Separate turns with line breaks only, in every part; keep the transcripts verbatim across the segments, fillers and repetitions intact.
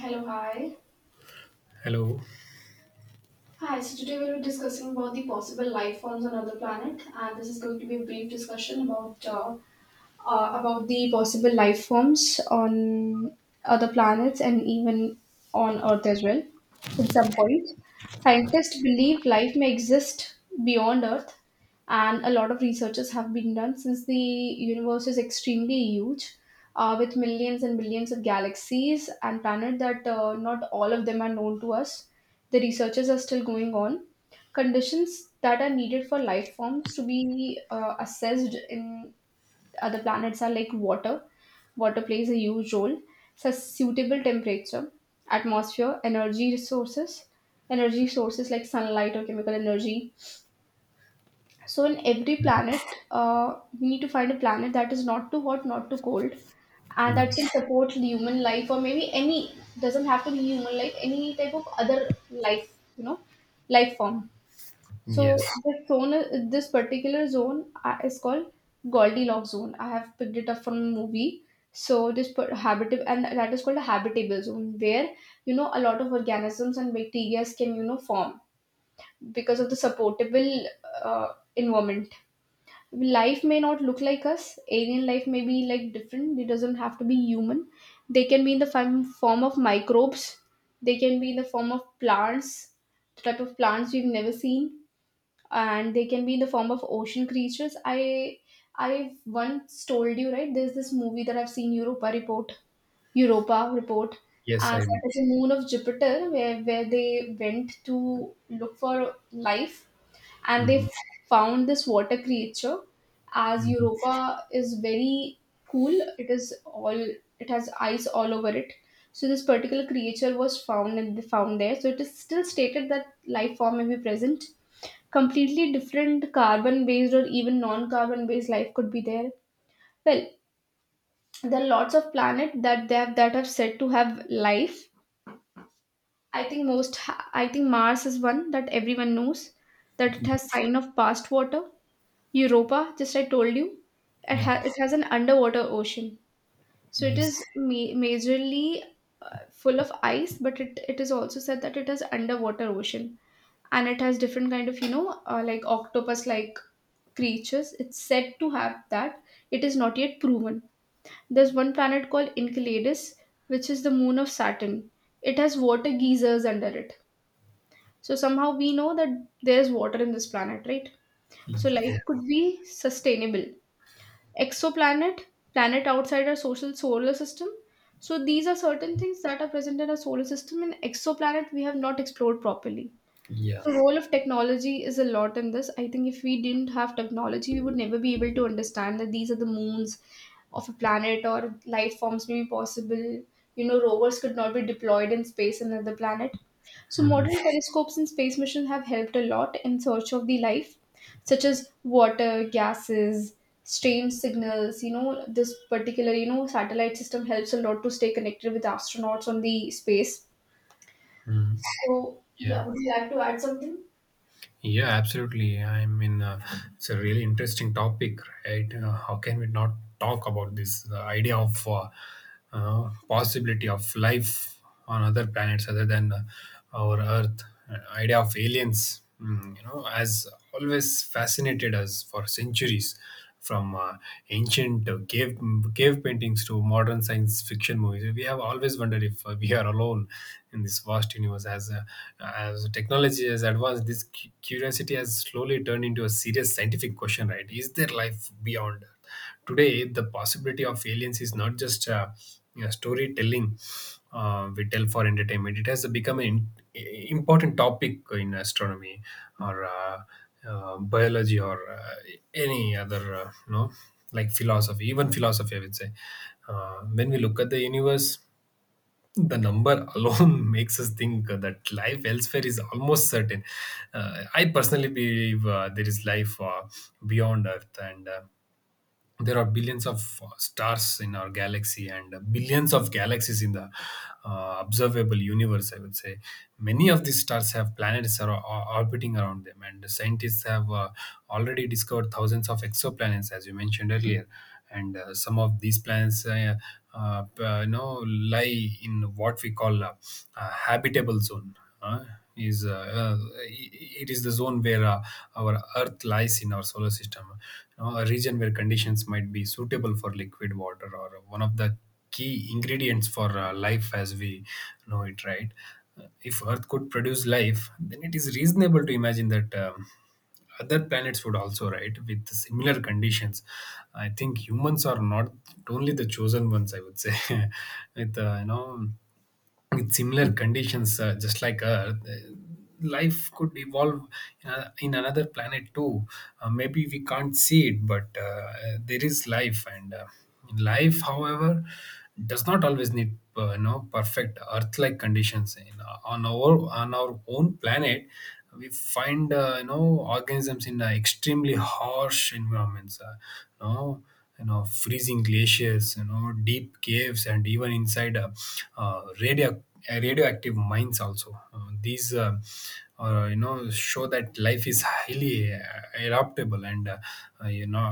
Hello, hi.
Hello.
Hi, so today we'll be discussing about the possible life forms on other planet, and this is going to be a brief discussion about uh, uh, about the possible life forms on other planets and even on Earth as well. In some point, scientists believe life may exist beyond Earth, and a lot of researches have been done since the universe is extremely huge. Uh, with millions and millions of galaxies and planets that uh, not all of them are known to us. The researches are still going on conditions that are needed for life forms to be uh, assessed in other planets are like water. Water plays a huge role. So suitable temperature, atmosphere, energy resources, energy sources like sunlight or chemical energy. So in every planet, uh, we need to find a planet that is not too hot, not too cold, and that can
Yes.
support human life or maybe any doesn't have to be human life, any type of other life, you know, life form. So
Yes.
this zone, this particular zone uh, is called Goldilocks zone. I have picked it up from a movie. So this per- habitable and that is called a habitable zone where you know a lot of organisms and bacteria can you know form because of the supportable uh, environment. Life may not look like us. Alien life may be like different. It doesn't have to be human. They can be in the form form of microbes. They can be in the form of plants, the type of plants we've never seen and they can be in the form of ocean creatures. I I've once told you right. There's this movie that I've seen, Europa Report, Europa Report,
Yes, I
and
remember.
that is a moon of Jupiter where where they went to look for life, and they
Hmm.
f- found this water creature. As
Hmm.
Europa is very cool, it is all it has ice all over it. So this particular creature was found and they found there. So it is still stated that life form may be present completely different carbon based or even non carbon based life could be there well there are lots of planets that they have, that are said to have life. I think most ha- I think Mars is one that everyone knows that it has sign of past water. Europa, just I told you, it,
Yeah.
ha- it has an underwater ocean, so it
Yes.
is ma- majorly full of ice but it, it is also said that it has underwater ocean and it has different kind of you know uh, like octopus like creatures. It's said to have that. It is not yet proven. There's one planet called Enceladus, which is the moon of Saturn. It has water geysers under it. So somehow we know that there's water in this planet, right? So life
Yeah.
could be sustainable. Exoplanet, planet outside our social solar system. So these are certain things that are present in our solar system. In exoplanet, we have not explored properly
Yeah.
the role of technology is a lot in this. I think if we didn't have technology, we would never be able to understand that these are the moons of a planet or life forms may be possible. You know, rovers could not be deployed in space in another planet. So,
Hmm.
modern telescopes and space missions have helped a lot in search of the life, such as water, gases, strange signals. You know, this particular, you know, satellite system helps a lot to stay connected with astronauts on the space.
Hmm.
So,
Yeah.
yeah, would you like to add something?
Yeah. Absolutely. I mean, uh, it's a really interesting topic, right? Uh, how can we not talk about this, the idea of uh, uh, possibility of life on other planets, other than uh, our Earth? Uh, idea of aliens, mm, you know, has always fascinated us for centuries, from uh, ancient uh, cave cave paintings to modern science fiction movies. We have always wondered if uh, we are alone in this vast universe. As uh, as technology has advanced, this cu- curiosity has slowly turned into a serious scientific question. Right? Is there life beyond Earth? Today, the possibility of aliens is not just uh, you know, storytelling uh, we tell for entertainment. It has become an important topic in astronomy, or uh, uh, biology, or uh, any other, uh, you know like philosophy, even philosophy, I would say. Uh, when we look at the universe, the number alone makes us think that life elsewhere is almost certain. uh, I personally believe uh, there is life uh, beyond Earth, and uh, there are billions of uh, stars in our galaxy, and uh, billions of galaxies in the uh, observable universe, I would say. Many of these stars have planets, are, are orbiting around them, and scientists have uh, already discovered thousands of exoplanets, as you mentioned earlier. And uh, some of these plants uh, uh, p- uh, you know lie in what we call uh, uh, habitable zone. Uh, is uh, uh, It is the zone where uh, our Earth lies in our solar system, you know, a region where conditions might be suitable for liquid water, or one of the key ingredients for uh, life as we know it, right? Uh, if Earth could produce life, then it is reasonable to imagine that um, other planets would also, right, with similar conditions. I think humans are not only the chosen ones, I would say. with uh, you know with similar conditions, uh, just like Earth, uh, life could evolve uh, in another planet too. Uh, maybe we can't see it, but uh, there is life, and uh, life, however, does not always need uh, you know perfect Earth-like conditions in, uh, on our on our own planet. We find uh, you know organisms in uh, extremely harsh environments: uh, you know you know freezing glaciers, you know deep caves, and even inside uh, uh, radio uh, radioactive mines also. Uh, these uh, uh, you know show that life is highly uh, adaptable, and uh, uh, you know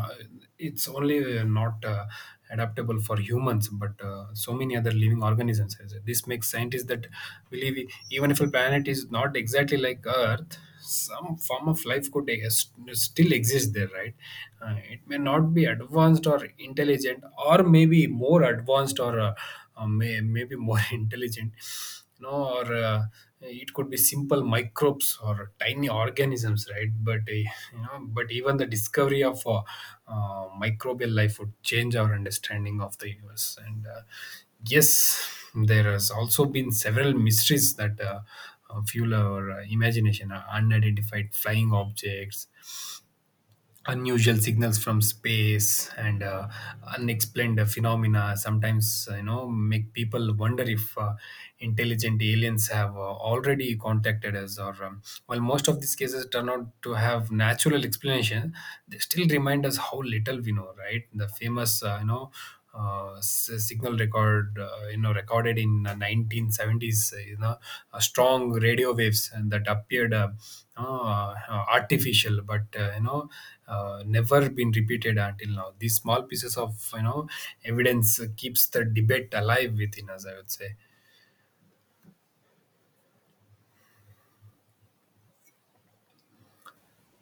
it's only uh, not uh, adaptable for humans, but uh, so many other living organisms. This makes scientists that believe, even if a planet is not exactly like Earth, some form of life could ex- still exist there, right? Uh, it may not be advanced or intelligent, or maybe more advanced, or uh, uh, may, maybe more intelligent, you know, or uh, it could be simple microbes or tiny organisms, right? But uh, you know, but even the discovery of uh, uh, microbial life would change our understanding of the universe, and uh, yes, there has also been several mysteries that. Uh, uh, fuel our uh, imagination: uh, unidentified flying objects, unusual signals from space, and uh, unexplained uh, phenomena. Sometimes uh, you know make people wonder if uh, intelligent aliens have uh, already contacted us, or um, while most of these cases turn out to have natural explanation, they still remind us how little we know. Right, the famous uh, you know uh, s- signal record, uh, you know, recorded in uh, nineteen seventies, uh, you know, uh, strong radio waves, and that appeared uh, uh, uh, artificial, but uh, you know, uh, never been repeated until now. These small pieces of you know evidence uh, keeps the debate alive within us, I would say.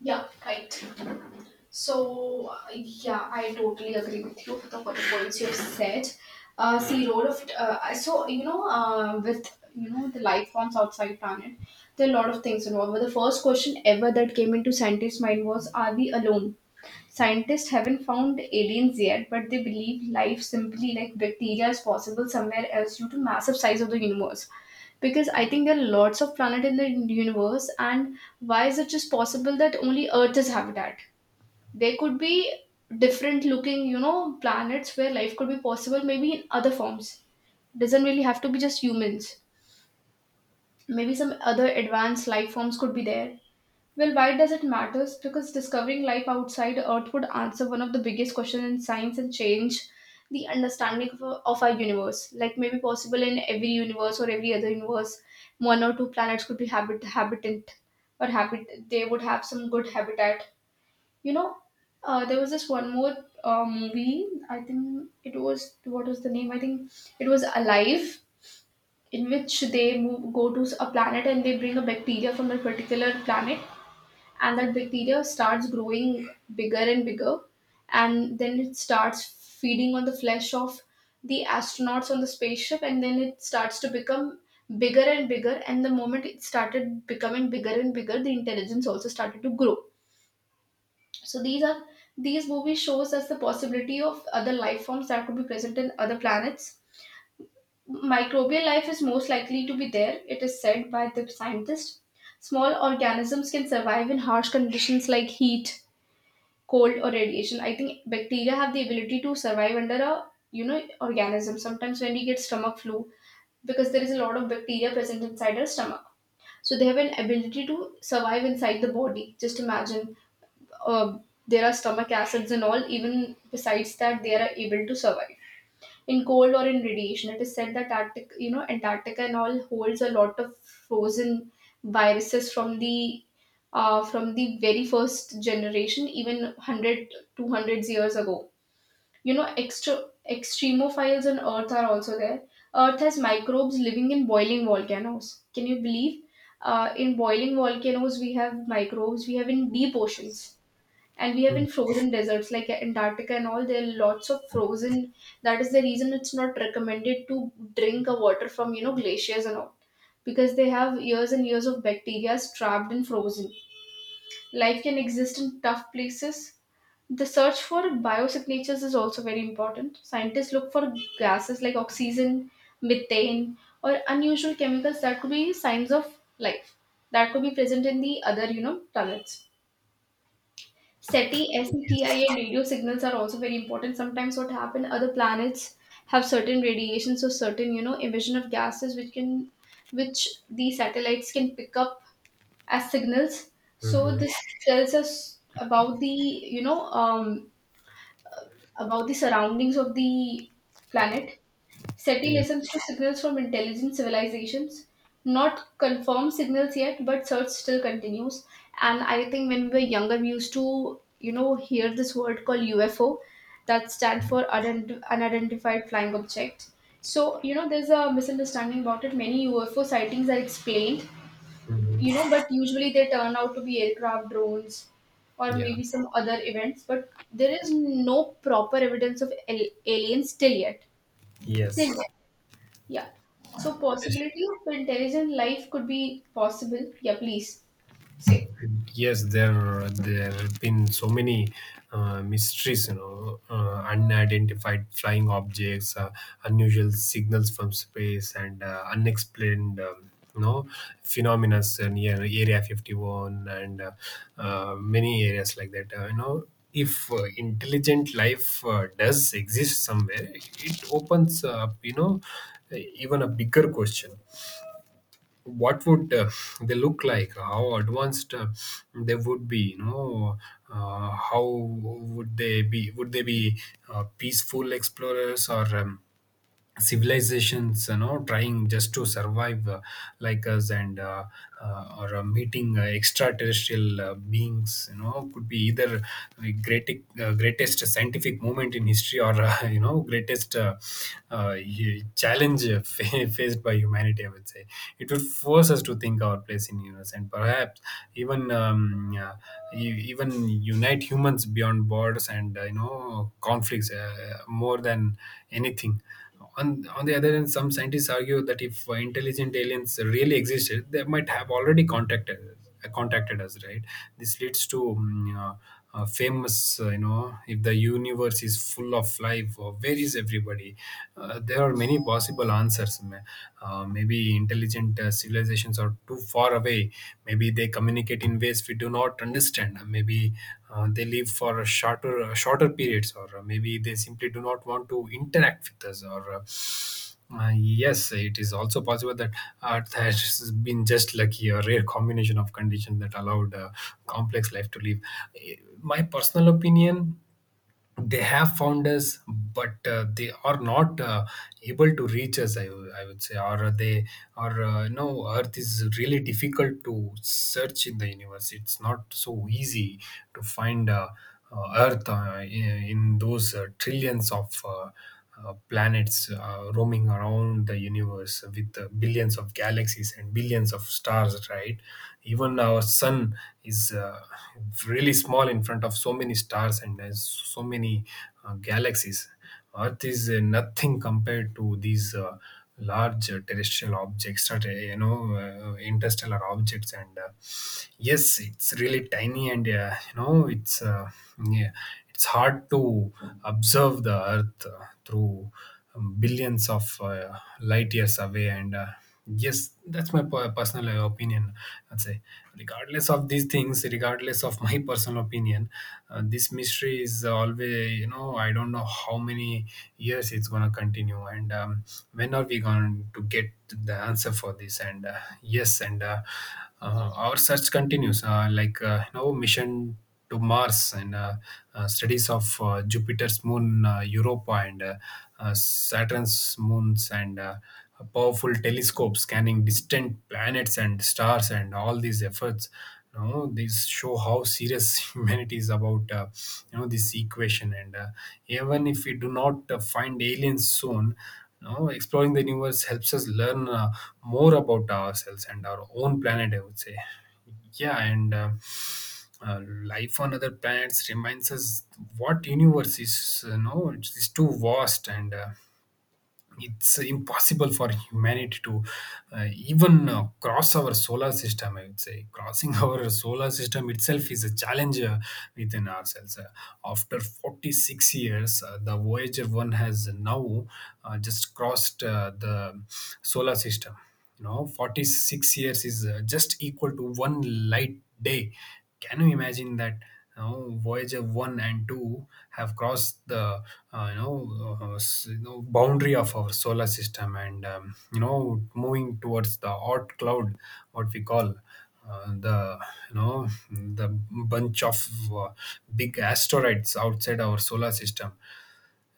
Yeah, right. So, uh, yeah, I totally agree with you with the for the points you have said. Uh, see, role of uh, so you know uh, with you know the life forms outside planet, there are a lot of things involved. But the first question ever that came into scientists' mind was, "Are we alone?" Scientists haven't found aliens yet, but they believe life simply like bacteria is possible somewhere else due to massive size of the universe. Because I think there are lots of planets in the universe, and why is it just possible that only Earth is habitat? There could be different looking, you know, planets where life could be possible, maybe in other forms. Doesn't really have to be just humans. Maybe some other advanced life forms could be there. Well, why does it matter? Because discovering life outside Earth would answer one of the biggest questions in science and change the understanding of, our- of our universe. Like maybe possible in every universe or every other universe, one or two planets could be habit habitant or habit. They would have some good habitat. You know, uh, there was this one more uh, movie. I think it was what was the name? I think it was Alive, in which they move, go to a planet and they bring a bacteria from a particular planet and that bacteria starts growing bigger and bigger and then it starts feeding on the flesh of the astronauts on the spaceship and then it starts to become bigger and bigger and the moment it started becoming bigger and bigger the intelligence also started to grow. So these are these movies shows us the possibility of other life forms that could be present in other planets. Microbial life is most likely to be there, it is said by the scientist. Small organisms can survive in harsh conditions like heat, cold or radiation. I think bacteria have the ability to survive under a you know organism. Sometimes when we get stomach flu, because there is a lot of bacteria present inside our stomach, so they have an ability to survive inside the body. Just imagine, uh, there are stomach acids and all. Even besides that, they are able to survive in cold or in radiation. It is said that Arctic, you know, Antarctica and all holds a lot of frozen viruses from the uh, from the very first generation, even one hundred, two hundred years ago. You know, extra extremophiles on Earth are also there. Earth has microbes living in boiling volcanoes. Can you believe? Uh, in boiling volcanoes, we have microbes. We have in deep
Yes.
oceans and we have
Mm.
in frozen deserts like Antarctica and all. There are lots of frozen, that is the reason it's not recommended to drink a water from you know glaciers and all because they have years and years of bacteria trapped and frozen. Life can exist in tough places. The search for biosignatures is also very important. Scientists look for gases like oxygen, methane or unusual chemicals that could be signs of life that could be present in the other you know planets. S E T I,
Yes.
S E T I, and radio signals are also very important. Sometimes what happen, other planets have certain radiations or certain, you know, emission of gases which can, which the satellites can pick up as signals. So
Mm-hmm.
this tells us about the, you know, um, about the surroundings of the planet. S E T I
Yeah.
listens to signals from intelligent civilizations, not confirmed signals yet, but search still continues. And I think when we were younger, we used to, you know, hear this word called U F O that stand for unident- unidentified flying object. So, you know, there's a misunderstanding about it. Many U F O sightings are explained, you know,
Mm-hmm.
but usually they turn out to be aircraft, drones, or
Yeah.
maybe some other events. But there is no proper evidence of al- aliens till yet. Till
Yes.
yet. Yeah. So
Okay.
possibility of intelligent life could be possible. Yeah, please. Say.
Yes, there there have been so many uh, mysteries, you know uh, unidentified flying objects, uh, unusual signals from space, and uh, unexplained um, you know phenomena near area fifty one, and uh, uh, many areas like that, uh, you know if uh, intelligent life uh, does exist somewhere, it opens up, you know even a bigger question. What would uh, they look like? How advanced uh, they would be, you know? Uh, how would they be would they be uh, peaceful explorers, or um, civilizations, you know, trying just to survive uh, like us? And uh, uh, or uh, meeting uh, extraterrestrial uh, beings, you know, could be either the great, uh, greatest scientific moment in history, or uh, you know greatest uh, uh, y- challenge uh, fa- faced by humanity, I would say. It would force us to think our place in universe, and perhaps even um, uh, e- even unite humans beyond borders and uh, you know conflicts, uh, more than anything. On, on the other hand, some scientists argue that if uh, intelligent aliens really existed, they might have already contacted uh, contacted us, right? This leads to um, uh, uh, famous, uh, you know, if the universe is full of life, or where is everybody? Uh, there are many possible answers. Ma- Uh, maybe intelligent uh, civilizations are too far away. Maybe they communicate in ways we do not understand. Maybe uh, they live for a shorter uh, shorter periods, or or maybe they simply do not want to interact with us, or uh, uh, yes, it is also possible that Earth has been just lucky, a rare combination of conditions that allowed uh, complex life to live. Eh, My personal opinion, they have found us, but uh, they are not uh, able to reach us, I, w- I would say. Or they, or uh, you know, Earth is really difficult to search in the universe. It's not so easy to find. Uh, uh, Earth uh, in, in those uh, trillions of uh, uh, planets uh, roaming around the universe, with uh, billions of galaxies and billions of stars, right? Even our sun is uh, really small in front of so many stars, and uh, so many uh, galaxies. Earth is uh, nothing compared to these uh, large uh, terrestrial objects, such, uh, you know, uh, interstellar objects, and uh, yes, it's really tiny, and uh, you know it's uh, yeah, it's hard to observe the Earth uh, through um, billions of uh, light years away. And uh, yes, that's my per- personal uh, opinion. I'd say, regardless of these things, regardless of my personal opinion, uh, this mystery is always, you know I don't know how many years it's going to continue, and um, when are we going to get the answer for this? And uh, yes, and uh, uh, our search continues, uh, like uh, you know mission to Mars, and uh, uh, studies of uh, Jupiter's moon uh, Europa, and uh, uh, Saturn's moons, and uh, a powerful telescope scanning distant planets and stars. And all these efforts, you know these show how serious humanity is about uh, you know this equation. And uh, even if we do not uh, find aliens soon, you know, exploring the universe helps us learn uh, more about ourselves and our own planet, I would say. Yeah. And uh, uh, life on other planets reminds us what universe is, you know, it's, it's too vast, and uh, it's impossible for humanity to uh, even uh, cross our solar system, I would say. Crossing our solar system itself is a challenge, uh, within ourselves. Uh, after forty six years, uh, the Voyager one has now uh, just crossed uh, the solar system. You know, forty six years is uh, just equal to one light day. Can you imagine that? You know, Voyager one and two have crossed the uh, you know uh, uh, s- you know boundary of our solar system, and um, you know moving towards the hot cloud, what we call uh, the you know the bunch of uh, big asteroids outside our solar system.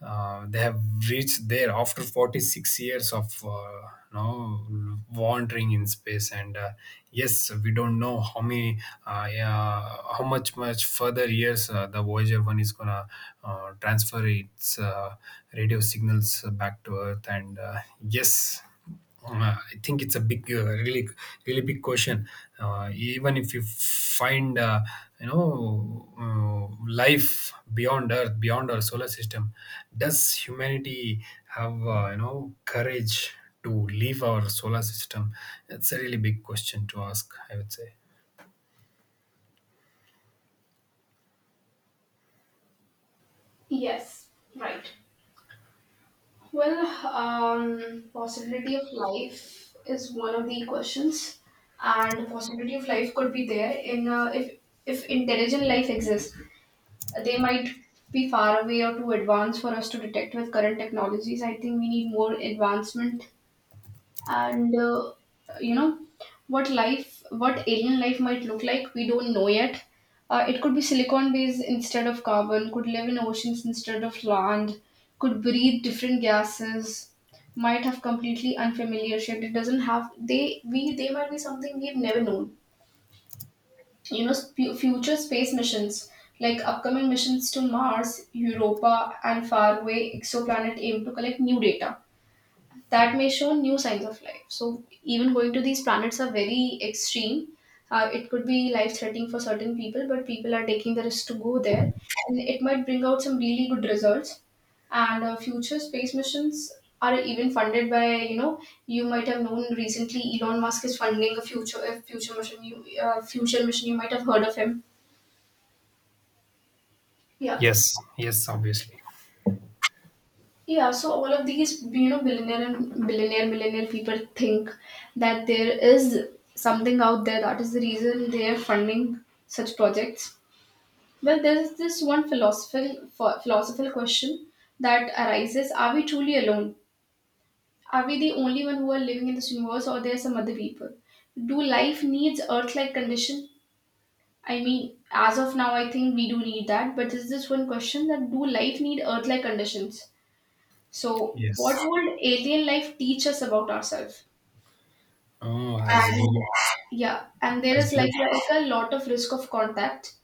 uh, They have reached there after forty six years of uh, you know wandering in space. And uh, yes, we don't know how many, uh, yeah, how much much further years uh, the Voyager one is gonna uh, transfer its uh, radio signals back to Earth. And uh, yes. uh, I think it's a big, uh, really, really big question. Uh, even if you find, uh, you know, uh, life beyond Earth, beyond our solar system, does humanity have, uh, you know, courage to leave our solar system? It's a really big question to ask, I would say.
Yes, right. Well, um, possibility of life is one of the questions, and possibility of life could be there in uh, if if intelligent life exists. They might be far away or too advanced for us to detect with current technologies. I think we need more advancement and uh, you know what life what alien life might look like we don't know yet. Uh, it could be silicon based instead of carbon, could live in oceans instead of land, could breathe different gases, might have completely unfamiliar shit it doesn't have they we they might be something we've never known. You know sp- future space missions like upcoming missions to Mars, Europa and faraway exoplanet aim to collect new data that may show new signs of life. So even going to these planets are very extreme. Uh, it could be life threatening for certain people, but people are taking the risk to go there, and it might bring out some really good results. And uh, future space missions are even funded by you know you might have known recently Elon Musk is funding a future a future mission you uh, future mission you might have heard of him. Yeah.
Yes. Yes. Obviously.
Yeah, so all of these, you know, billionaire and billionaire, millionaire people think that there is something out there, that is the reason they are funding such projects. Well, there is this one philosophical ph- philosophical question that arises: are we truly alone? Are we the only one who are living in this universe, or there are some other people? Do life needs Earth-like condition? I mean, as of now, I think we do need that. But is this one question that do life need Earth-like conditions? So, what
Yes.
would alien life teach us about ourselves?
Oh, as we
And
look,
yeah, and there
as
is
we
like,
look,
like a lot of risk of contact.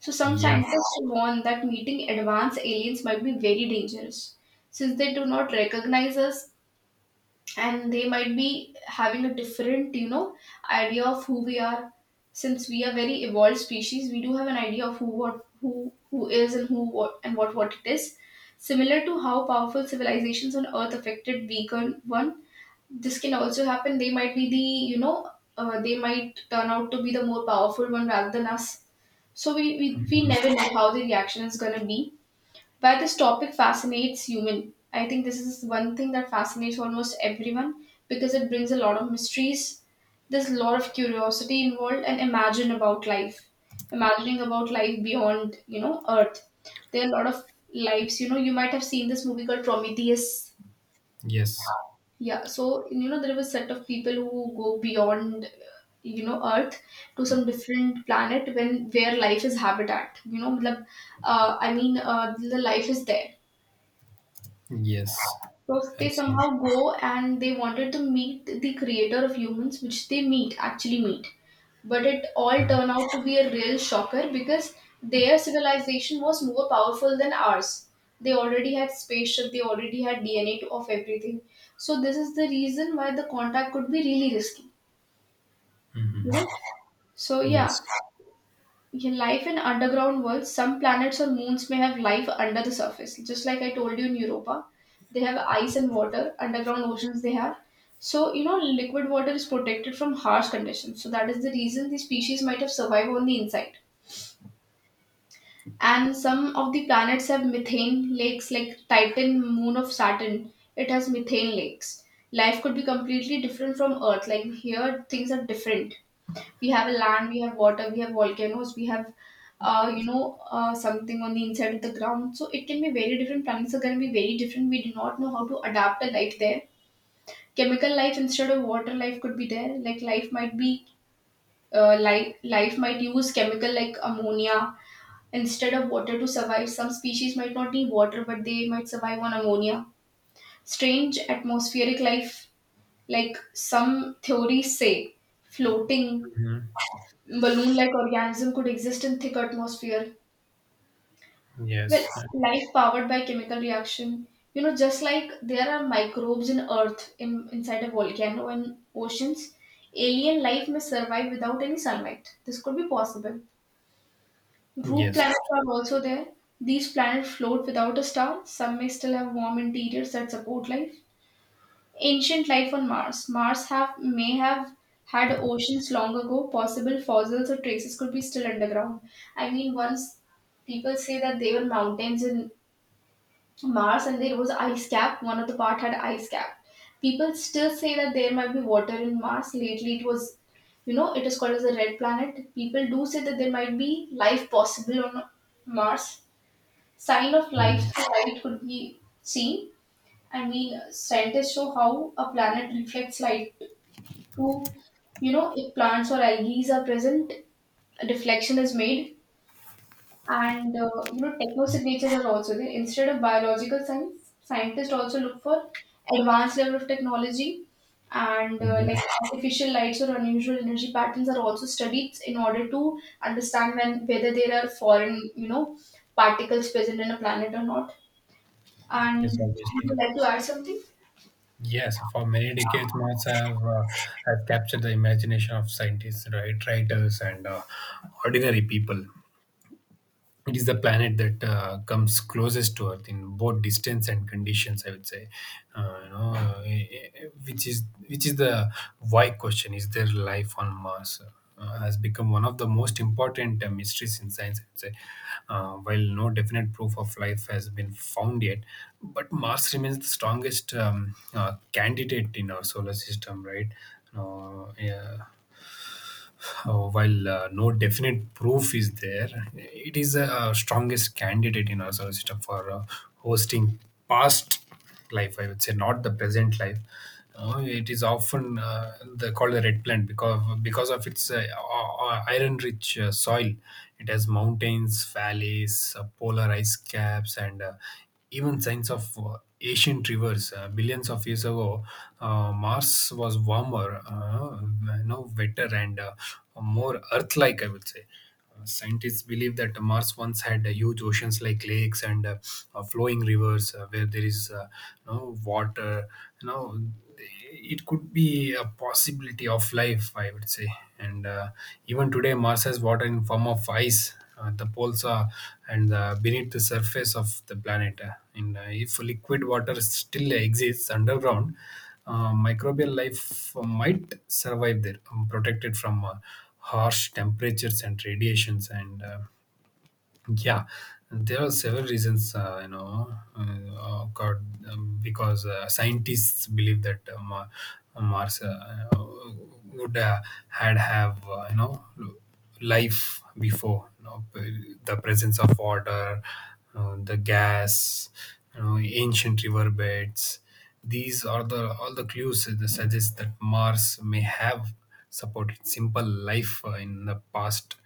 So, some
yeah.
scientists warn that meeting advanced aliens might be very dangerous since they do not recognize us and they might be having a different, you know, idea of who we are. Since we are very evolved species, we do have an idea of who what who who is and who what and what what it is. Similar to how powerful civilizations on Earth affected weaker one, this can also happen. They might be the, you know uh, they might turn out to be the more powerful one rather than us. So we we, we
Mhm.
never know how the reaction is going to be. But this topic fascinates human. I think this is one thing that fascinates almost everyone because it brings a lot of mysteries. There's a lot of curiosity involved and imagine about life, imagining about life beyond, you know earth. There are a lot of lives. You know, you might have seen this movie called Prometheus.
Yes.
Yeah, so you know, there was a set of people who go beyond, you know, Earth to some different planet when where life is habitat. You know, matlab, uh, I mean, uh, the life is there.
Yes.
So they
Absolutely.
somehow go and they wanted to meet the creator of humans, which they meet, actually meet. But it all
Mm-hmm.
turned out to be a real shocker because their civilization was more powerful than ours. They already had spaceship, they already had D N A of everything. So this is the reason why the contact could be really risky. You know?
Mm-hmm.
So yeah,
Yes.
yeah, life in underground worlds, some planets or moons may have life under the surface. Just like I told you in Europa, they have ice and water, underground oceans they have. So, you know, liquid water is protected from harsh conditions. So, that is the reason the species might have survived on the inside. And some of the planets have methane lakes, like Titan, moon of Saturn. It has methane lakes. Life could be completely different from Earth. Like here, things are different. We have a land, we have water, we have volcanoes, we have, uh, you know uh, something on the inside of the ground. So it can be very different. Planets are going to be very different. We do not know how to adapt a life there. Chemical life instead of water life could be there. Like life might be, uh, life life might use chemical like ammonia instead of water to survive. Some species might not need water, but they might survive on ammonia. Strange atmospheric life, like some theories say, floating
Mhm.
balloon like organism could exist in thick atmosphere. Well,
Yes, uh,
life powered by chemical reaction. You know, just like there are microbes in earth in, inside a volcano and oceans, alien life may survive without any sunlight. This could be possible. Group
yes,
planets are
absolutely.
also there. These planets float without a star. Some may still have warm interiors that support life. Ancient life on Mars. Mars have may have had oceans long ago. Possible fossils or traces could be still underground. I mean, once people say that there were mountains in Mars and there was ice cap. One of the part had ice cap. People still say that there might be water in Mars. Lately, it was, you know, it is called as a red planet. People do say that there might be life possible on Mars. Sign of life, light could be seen. I mean, scientists show how a planet reflects light to, you know, if plants or algae are present, a deflection is made, and uh, you know, techno signatures are also there. Instead of biological science, scientists also look for advanced level of technology, and uh, like
Mhm.
artificial lights or unusual energy patterns are also studied in order to understand when whether there are foreign, you know, particles present in a planet or not. And
Yes,
would
obviously.
you like to add something?
Yes, for many decades, maths have uh, have captured the imagination of scientists, right, writers, and uh, ordinary people. It is the planet that uh, comes closest to Earth in both distance and conditions, I would say. uh, you know, uh, eh, eh, which is which is the why question: is there life on Mars? Uh, has become one of the most important uh, mysteries in science, I'd say. Uh, while no definite proof of life has been found yet, but Mars remains the strongest um, uh, candidate in our solar system, right? Uh, yeah uh, while uh, no definite proof is there, it is the uh, strongest candidate in our solar system for uh, hosting past life, I would say, not the present life. Uh, it is often uh, the, called the red plant because because of its uh, iron rich uh, soil. It has mountains, valleys, uh, polar ice caps, and uh, even signs of uh, ancient rivers. Uh, billions of years ago uh, mars was warmer, uh, you know, wetter and uh, more earth-like, I would say. Uh, scientists believe that mars once had uh, huge oceans like lakes and uh, uh, flowing rivers. Uh, where there is uh, you know, water, you know it could be a possibility of life, I would say. And uh, even today mars has water in form of ice. Uh, the poles are, and uh, beneath the surface of the planet. Uh, and uh, If liquid water still exists underground, uh, microbial life might survive there, um, protected from uh, harsh temperatures and radiations. And uh, yeah, there are several reasons, uh, you know, uh, God, um, because uh, scientists believe that uh, Ma- Mars uh, would uh, had have uh, you know life before, you know, p- the presence of water, uh, the gas, you know, ancient river beds. These are the all the clues that suggest that Mars may have supported simple life uh, in the past,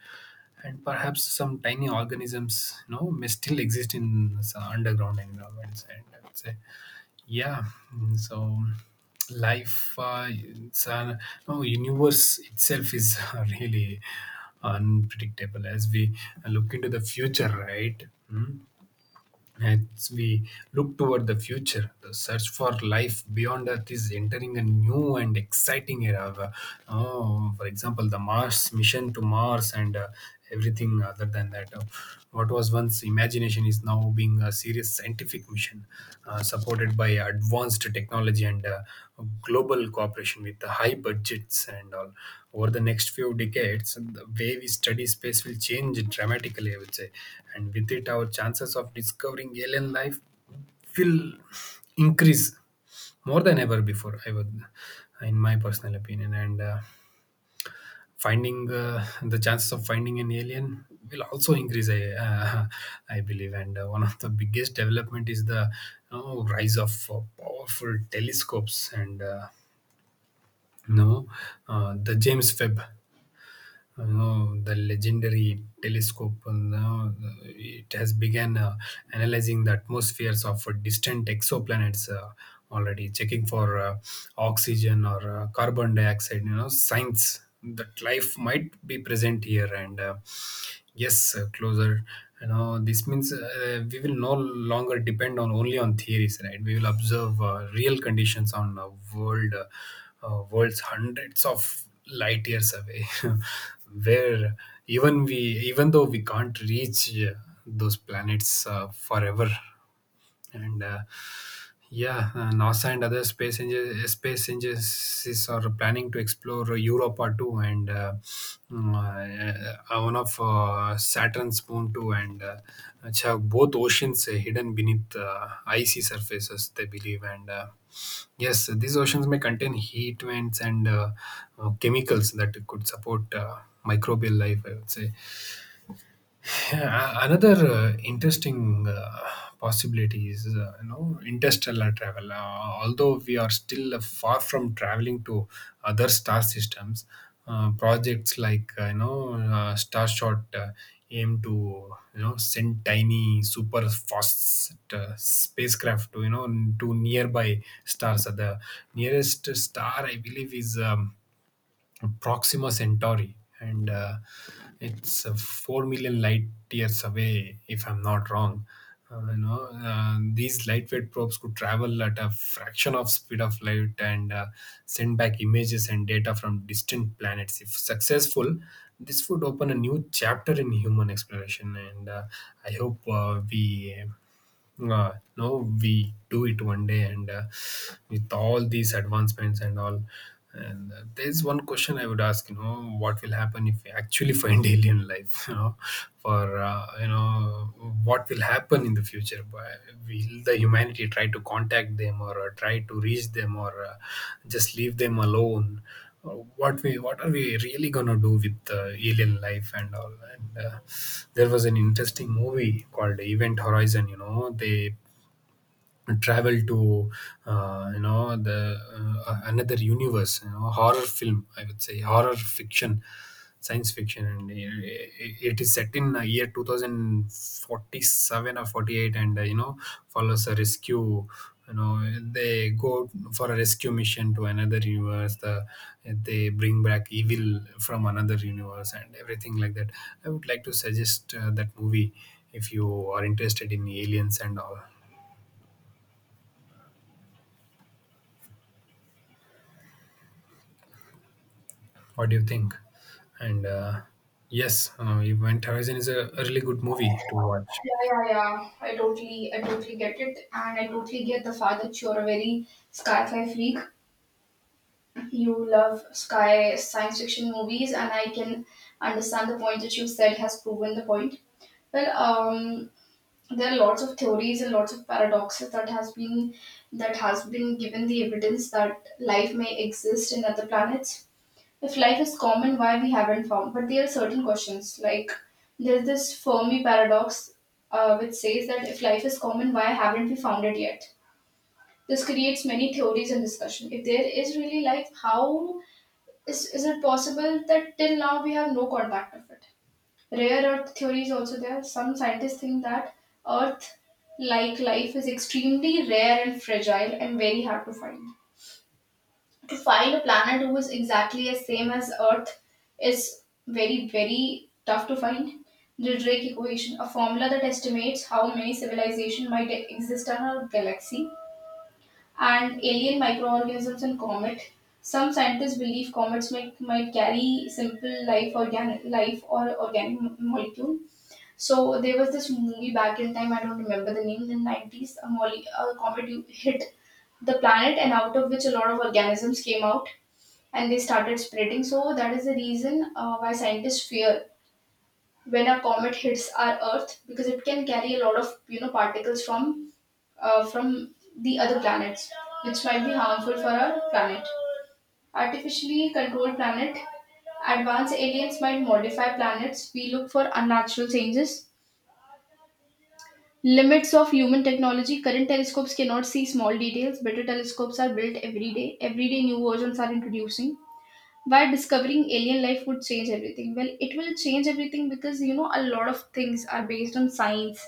and perhaps some tiny organisms, you know, may still exist in some underground environments. And I would say, yeah, mm, so life, uh, it's an, no, universe itself is really unpredictable as we look into the future, right? Mm, as we look toward the future, the search for life beyond Earth is entering a new and exciting era. Uh, oh, for example, the Mars mission to Mars and uh, everything other than that. Uh, what was once imagination is now being a serious scientific mission, uh, supported by advanced technology technology and uh, global cooperation with the high budgets and all. Over the next few decades the way we study space will change dramatically, I would say, and with it our chances of discovering alien life will increase more than ever before, I would, in my personal opinion. And uh, finding uh, the chances of finding an alien will also increase, I uh, I believe. And uh, one of the biggest development is the, you know, rise of uh, powerful telescopes. And uh, you know uh, the james webb, you know, the legendary telescope, you know, it has begun uh, analyzing the atmospheres of uh, distant exoplanets, uh, already checking for uh, oxygen or uh, carbon dioxide, you know signs that life might be present here. And uh, yes uh, closer, you know this means uh, we will no longer depend on only on theories, right? We will observe uh, real conditions on uh, world uh, uh, world's hundreds of light years away, where even we even though we can't reach uh, those planets uh, forever. and uh, yeah, uh, NASA and other space engine, space agencies are planning to explore Europa too. And uh, mm, uh, uh, one of uh, Saturn's moon too, and uh, which have both oceans uh, hidden beneath uh, icy surfaces, they believe. And uh, yes, these oceans may contain heat vents and uh, uh, chemicals that could support uh, microbial life, I would say. Yeah, another uh, interesting uh, possibility is uh, you know interstellar travel. Uh, although we are still uh, far from traveling to other star systems, uh, projects like uh, you know uh, Starshot uh, aim to, you know send tiny super fast uh, spacecraft to, you know to nearby stars. Uh, the nearest star I believe is, Um, Proxima Centauri, and uh, it's uh, four million light years away, if I'm not wrong. Uh, you know, uh, these lightweight probes could travel at a fraction of speed of light and uh, send back images and data from distant planets. If successful, this would open a new chapter in human exploration. And uh, I hope uh, we uh, no, we do it one day. And uh, with all these advancements and all, and uh, there's one question I would ask: you know, what will happen if we actually find alien life? You know, for uh, you know, what will happen in the future? Why- Will the humanity try to contact them, or uh, try to reach them, or uh, just leave them alone? uh, what we what are we really gonna do with uh, alien life and all? And uh, there was an interesting movie called event horizon. You know they travel to uh, you know the uh, uh, another universe, you know horror film I would say, horror fiction, science fiction. And it, it is set in uh, year two thousand forty-seven or forty-eight. And uh, you know follows a rescue, you know they go for a rescue mission to another universe. The, they bring back evil from another universe and everything like that. I would like to suggest uh, that movie if you are interested in aliens and all. What do you think? And uh, yes, uh, Event Horizon is a, a really good movie to watch.
Yeah, yeah, yeah. I totally, I totally get it, and I totally get the fact that you're a very sci-fi freak. You love sky science fiction movies, and I can understand the point that you said has proven the point. Well, um, there are lots of theories and lots of paradoxes that has been, that has been given the evidence that life may exist in other planets. If life is common, why we haven't found? But there are certain questions like there's this Fermi paradox, uh, which says that if life is common, why haven't we found it yet? This creates many theories and discussion. If there is really life, how is, is it possible that till now we have no contact of it? Rare Earth theory is also there. Some scientists think that Earth like life is extremely rare and fragile and very hard to find, to find a planet who is exactly as same as Earth is very, very tough to find. The Drake equation, a formula that estimates how many civilizations might exist on our galaxy, and alien microorganisms and comet. Some scientists believe comets might, might carry simple life, organic life or organic mo- molecule. So there was this movie back in time. I don't remember the name. In the nineties, a, mole- a comet hit the planet, and out of which a lot of organisms came out and they started spreading. So that is the reason uh, why scientists fear when a comet hits our Earth, because it can carry a lot of, you know, particles from, uh, from the other planets, which might be harmful for our planet. Artificially controlled planet. Advanced aliens might modify planets. We look for unnatural changes. Limits of human technology. Current telescopes cannot see small details. Better telescopes are built every day. Every day, new versions are introducing. Why discovering alien life would change everything? Well, it will change everything, because you know, a lot of things are based on science,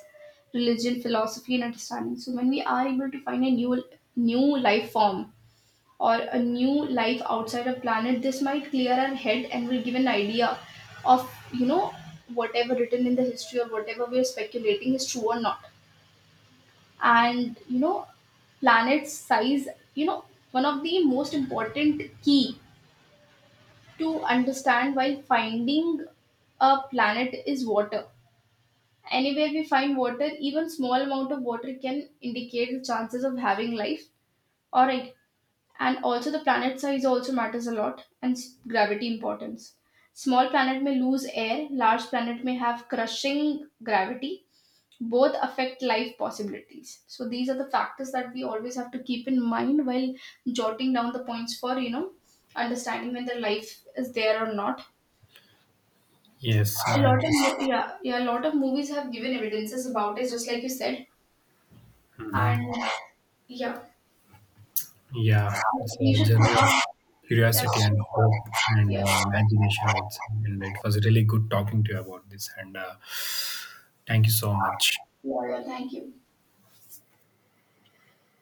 religion, philosophy and understanding. So when we are able to find a new new life form or a new life outside a planet, this might clear our head and will give an idea of, you know, whatever written in the history or whatever we are speculating is true or not. And you know, planet size, you know, one of the most important key to understand why finding a planet is water. Anywhere we find water, even small amount of water can indicate the chances of having life. All right, and also the planet size also matters a lot, and s- gravity importance. Small planet may lose air, large planet may have crushing gravity. Both affect life possibilities. So these are the factors that we always have to keep in mind while jotting down the points for, you know, understanding whether life is there or not.
Yes,
A
uh,
lot
it
of
is.
mo- Yeah, yeah, a lot of movies have given evidences about it, just like you said. And yeah,
Yeah, it's
we
a
should
journey of
yeah we should- yeah,
curiosity and hope and
yeah,
uh, imagination, I would say. And it was really good talking to you about this. And uh, thank you so much.
yeah, thank you.